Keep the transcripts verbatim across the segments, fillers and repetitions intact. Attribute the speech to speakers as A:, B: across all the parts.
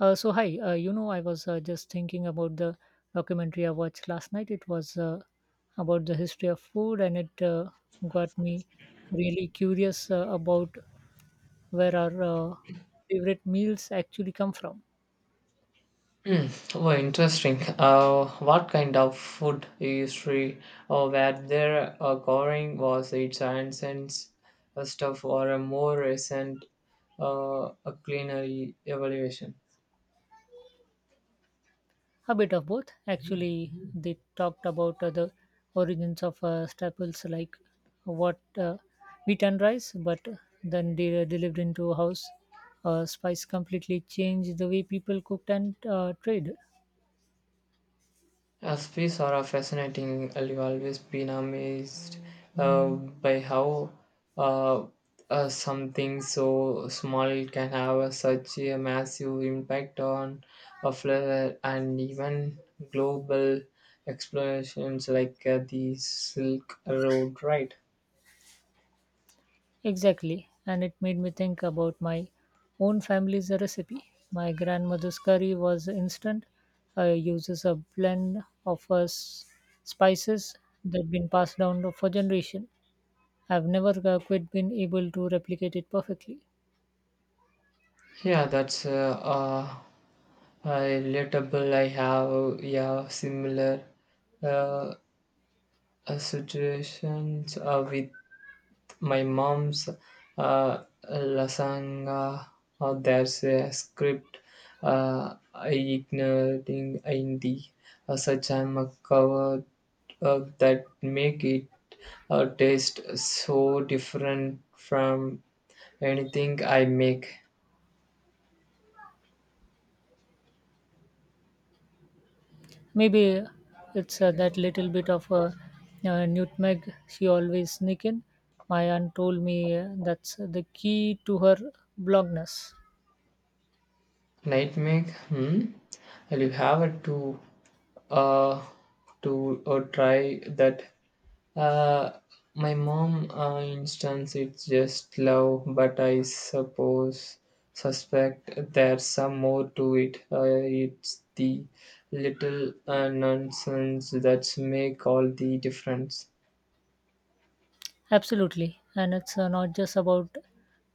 A: Uh, so hi, uh, you know, I was uh, just thinking about the documentary I watched last night. It was uh, about the history of food, and it uh, got me really curious uh, about where our uh, favorite meals actually come from.
B: Hmm. Oh, interesting. Uh, what kind of food history or where there uh, going was its ancient uh, stuff or a more recent uh, a culinary evaluation?
A: A bit of both, actually. They talked about uh, the origins of uh, staples like what uh, wheat and rice, but then they were delivered into a house. Uh, spice completely changed the way people cooked and uh, trade.
B: Recipes are a fascinating. I've always been amazed uh, by how uh, uh, something so small can have such a massive impact on a flavor and even global explorations like uh, the Silk Road, right?
A: Exactly, and it made me think about my own family's recipe. My grandmother's curry was instant. Uh, uses a blend of uh, s- spices that have been passed down for generation. I've never uh, quite been able to replicate it perfectly.
B: Yeah, that's uh, uh, uh, relatable. I have, yeah, similar uh, uh, situations uh, with my mom's uh, lasagna. Uh, there's a script uh, I ignoring in in the uh, such I'm a covered uh, that make it uh, taste so different from anything I make.
A: Maybe it's uh, that little bit of uh, uh, nutmeg she always sneak in. My aunt told me uh, that's the key to her blogness.
B: Night make. Hmm. I'll have to uh, to uh, try that. Uh, my mom, uh, instance, it's just love, but I suppose suspect there's some more to it. Uh, it's the little uh, nonsense that make all the difference.
A: Absolutely. And it's uh, not just about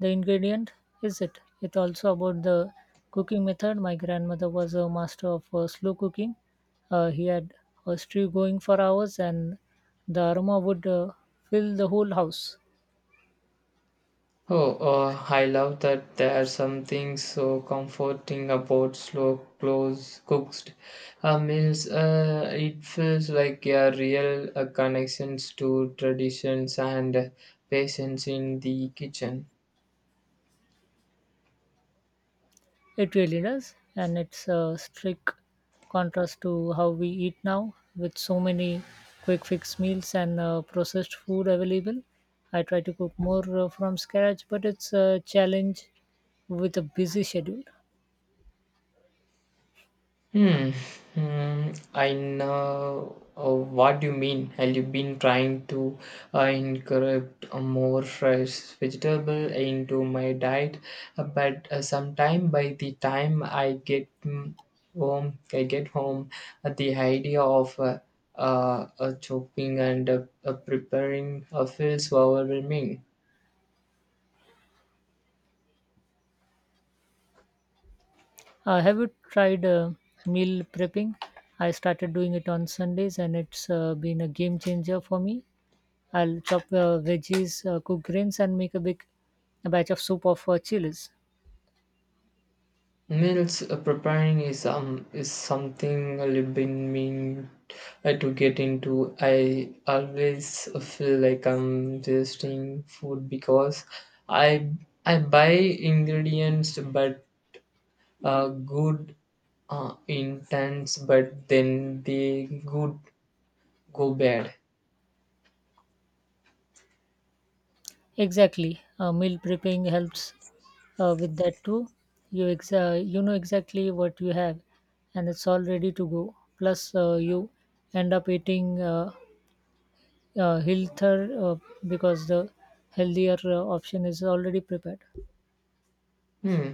A: the ingredient, is it? It's also about the cooking method. My grandmother was a master of uh, slow cooking. Uh, he had a stew going for hours, and the aroma would uh, fill the whole house.
B: Oh, uh, I love that there's something so comforting about slow close cooked uh, meals. Uh, it feels like a real uh, connections to traditions and patience in the kitchen.
A: It really does. And it's a strict contrast to how we eat now with so many quick fix meals and uh, processed food available. I try to cook more uh, from scratch, but it's a challenge with a busy schedule.
B: Hmm. Hmm. I know uh, what you mean. Have you been trying to uh, incorporate uh, more fresh vegetable into my diet? Uh, but uh, sometime by the time I get mm, home, I get home, uh, the idea of uh, uh, uh, chopping and uh, uh, preparing uh, feels overwhelming.
A: Uh, have you tried uh, meal prepping? I started doing it on Sundays and it's uh, been a game changer for me. I'll chop uh, veggies, uh, cook grains, and make a big batch of soup of uh, chilies.
B: Meals uh, preparing is um is something I've been meaning uh, to get into. I always feel like I'm wasting food because I I buy ingredients but uh, good uh, intents but then they good go bad.
A: Exactly. Uh, meal prepping helps uh, with that too. You, exa- you know exactly what you have and it's all ready to go. Plus, uh, you end up eating uh, uh, healthier uh, because the healthier uh, option is already prepared.
B: Hmm.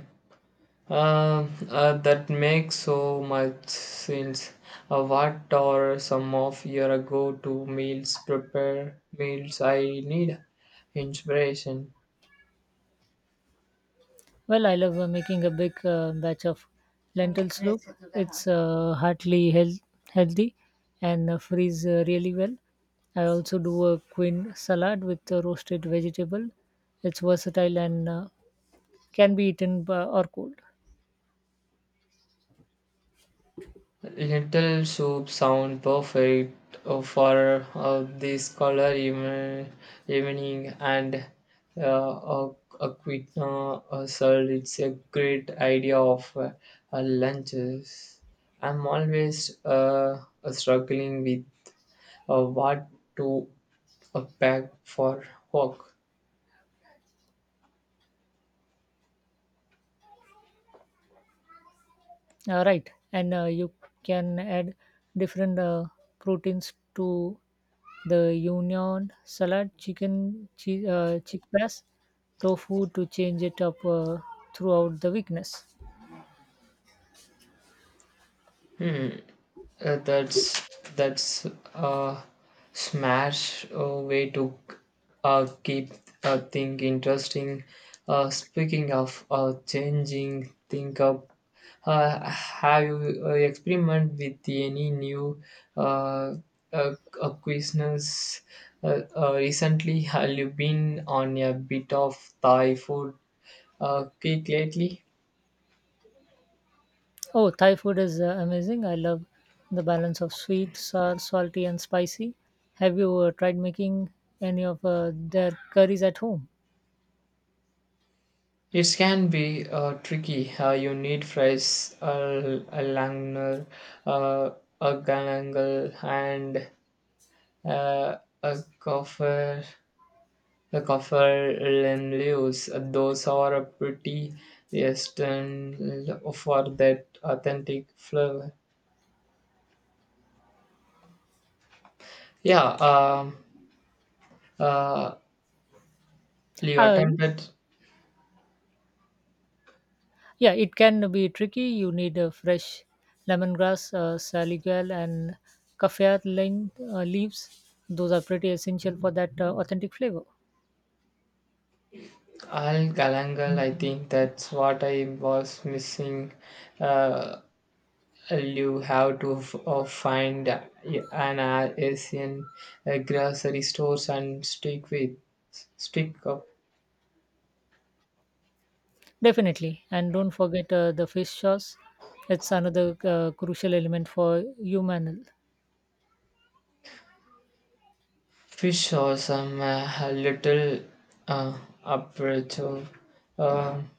B: Um, uh, that makes so much sense. Uh, what are some of your go-to meals? Prepare meals. I need inspiration.
A: Well, I love uh, making a big uh, batch of lentil soup. It's uh, heartily health- healthy and uh, freeze uh, really well. I also do a quinoa salad with uh, roasted vegetable. It's versatile and uh, can be eaten b- or cold.
B: Lentil soup sound perfect uh, for uh, this color even, evening and uh, a, a quinoa uh, salad. It's a great idea of uh, uh, lunches. I'm always uh, uh, struggling with uh, what to uh, pack for work.
A: Uh, right, and uh, you can add different uh, proteins to the union salad, chicken, che- uh, chickpeas, tofu to change it up uh, throughout the weakness.
B: Hmm, uh, that's that's a smash uh, way to uh, keep uh, thing interesting. Uh, speaking of uh, changing think up, uh, have you uh, experiment with any new uh, uh, uh, cuisines uh, uh, recently? Have you been on a bit of Thai food uh, kick lately?
A: Oh, Thai food is uh, amazing. I love the balance of sweet, sour, salty, and spicy. Have you uh, tried making any of uh, their curries at home?
B: It can be uh, tricky. Uh, you need fries, a, a Langner, uh, a Galangal, and uh, a coffer. The coffer leaves. Those are a pretty eastern for that authentic flavor. Yeah, um, uh, you
A: Uh,
B: attempted
A: yeah, it can be tricky. You need uh, fresh lemongrass, uh, salicylic, and kaffir lin- uh, leaves. Those are pretty essential for that uh, authentic flavor.
B: Al Galangal. I think that's what I was missing. Uh, uh, you have to f- uh, find uh, an uh, Asian uh, grocery stores and stick with stick up
A: Definitely. And don't forget uh, the fish sauce. It's another uh, crucial element for humanal.
B: fish or some uh, little uh, aperture. Um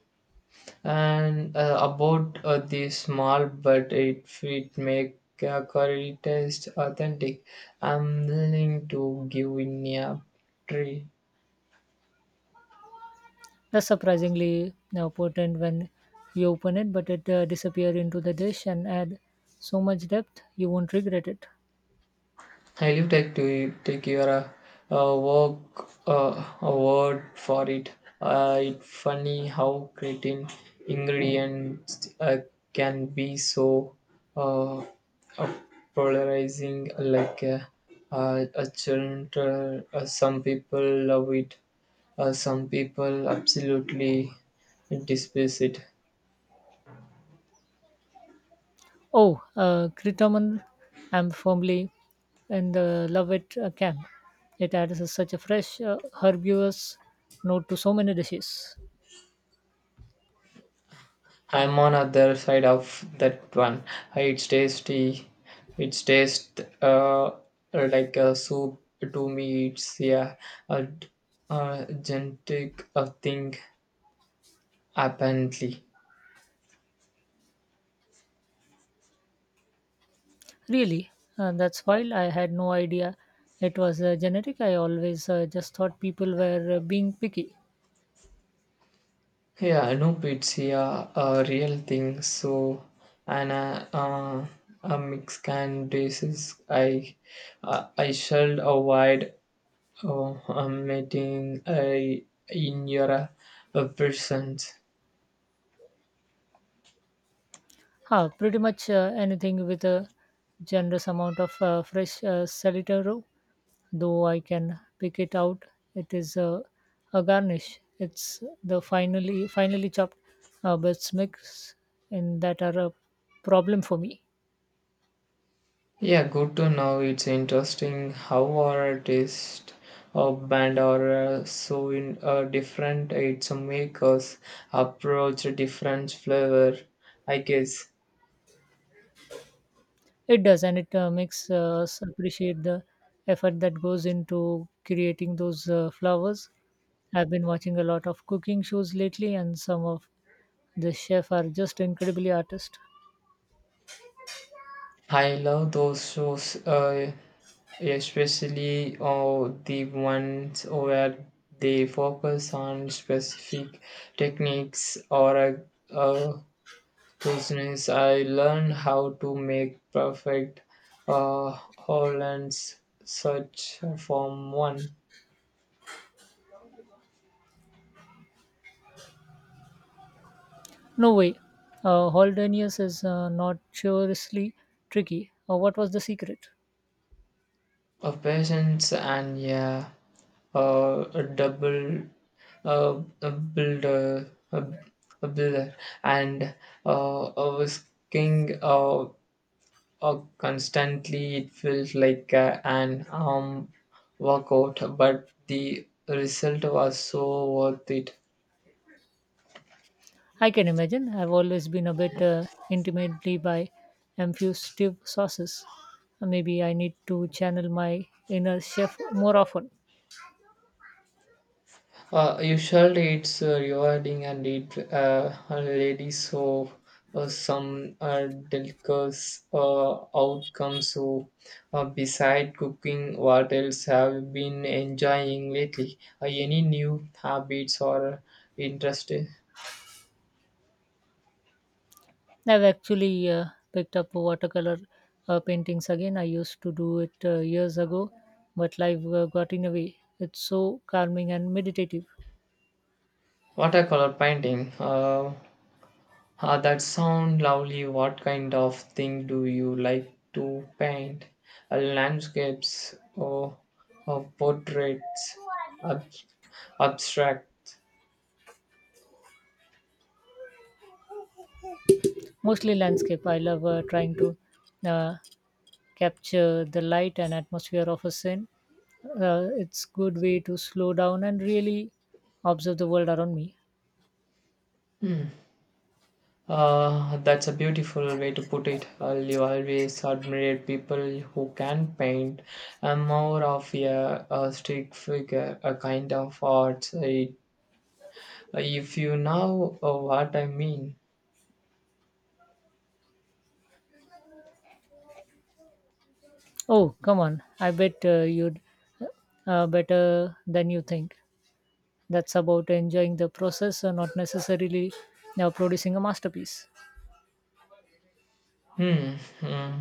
B: and uh, About uh, the small but it it make uh, curry taste authentic. I'm willing to give in a try.
A: That's surprisingly uh, potent when you open it, but it uh, disappears into the dish and add so much depth you won't regret it.
B: I leave take to take your uh, uh, work uh, a word for it. Uh, it's funny how creating ingredients uh, can be so uh, uh, polarizing. Like uh, uh, a children, uh, some people love it, uh, some people absolutely despise it.
A: Oh, uh, Kritaman, I'm firmly in the love it uh, camp. It adds a- such a fresh, uh, herbaceous note to so many dishes.
B: I'm on other side of that one. Uh, It's tasty. It's taste uh, like a soup to me. It's, yeah, a, a genetic uh, thing apparently.
A: Really, uh, that's wild. I had no idea it was uh, genetic. I always uh, just thought people were uh, being picky.
B: Yeah, I it's, yeah, a real thing. So, and uh, uh, a Mexican disease, I uh, I shall avoid uh, uh, meeting uh, in your uh, presence.
A: Huh, pretty much uh, anything with a generous amount of uh, fresh uh, saltero, though I can pick it out. It is uh, a garnish. It's the finally finally chopped uh, bits mix in that are a problem for me.
B: Yeah, good to know. It's interesting how our taste or band are uh, so in uh, different. It's a makers approach a different flavor. I guess
A: It does, and it uh, makes uh, us appreciate the effort that goes into creating those uh, flowers. I've been watching a lot of cooking shows lately, and some of the chefs are just incredibly artists.
B: I love those shows, uh, especially uh, the ones where they focus on specific techniques or a, uh cuisines. I learned how to make perfect uh, Hollands such from one,
A: No way. Uh, Holdenius is uh, notoriously tricky. Uh, what was the secret?
B: a patience and, yeah, uh, a double uh, a builder a, a builder and uh, I was king uh, uh, constantly. It felt like uh, an arm workout, but the result was so worth it.
A: I can imagine. I've always been a bit uh, intimately by infusive sauces. Uh, Maybe I need to channel my inner chef more often.
B: Uh, usually it's uh, rewarding and it uh, already so uh, some uh, delicious uh, outcomes. So, uh, beside cooking, what else have you been enjoying lately? Uh, any new habits or interest?
A: I've actually uh, picked up watercolor uh, paintings again. I used to do it uh, years ago, but life uh, got in the way. It's so calming and meditative.
B: Watercolor painting. Uh, Ah, that sound lovely. What kind of thing do you like to paint? Uh, landscapes or, or portraits? Ab- Abstract.
A: Mostly landscape. I love uh, trying to uh, capture the light and atmosphere of a scene. Uh, it's good way to slow down and really observe the world around me.
B: Hmm. Uh, that's a beautiful way to put it. Well, you always admire people who can paint. I'm more of a, a stick figure, a kind of art. I- If you know uh, what I mean.
A: Oh, come on! I bet uh, you'd uh, better than you think. That's about enjoying the process, and not necessarily uh, producing a masterpiece.
B: Hmm. Hmm.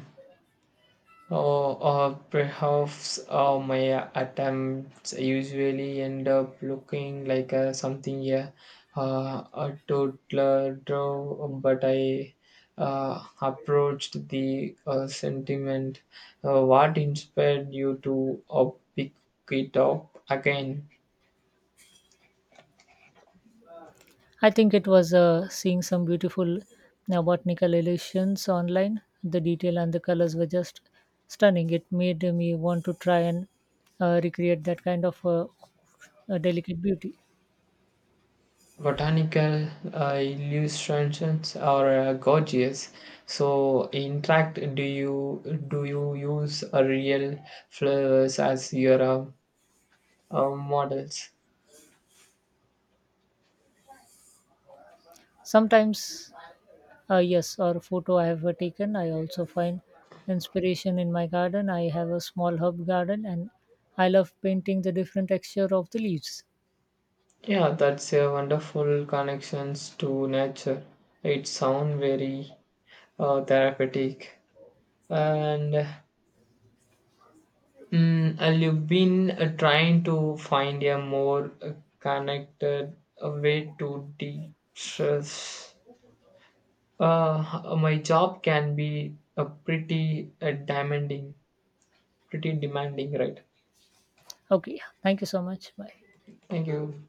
B: Or, or perhaps uh, my attempts usually end up looking like uh, something uh, uh, a toddler drew, but I uh, approached the uh, sentiment. Uh, what inspired you to uh, pick it up again?
A: I think it was uh, seeing some beautiful uh, botanical illusions online. The detail and the colors were just stunning. It made me want to try and uh, recreate that kind of uh, uh, delicate beauty.
B: Botanical uh, illustrations are uh, gorgeous. So in fact, do you do you use uh, real flowers as your uh, uh, models?
A: Sometimes, uh, yes, or photo I have uh, taken, I also find inspiration in my garden. I have a small herb garden and I love painting the different texture of the leaves.
B: Yeah, that's a wonderful connections to nature. It sound very uh, therapeutic and, mm, and you've been uh, trying to find a more uh, connected uh, way to de-stress. Uh, my job can be a pretty uh, demanding, pretty demanding, right?
A: Okay, thank you so much. Bye.
B: Thank you.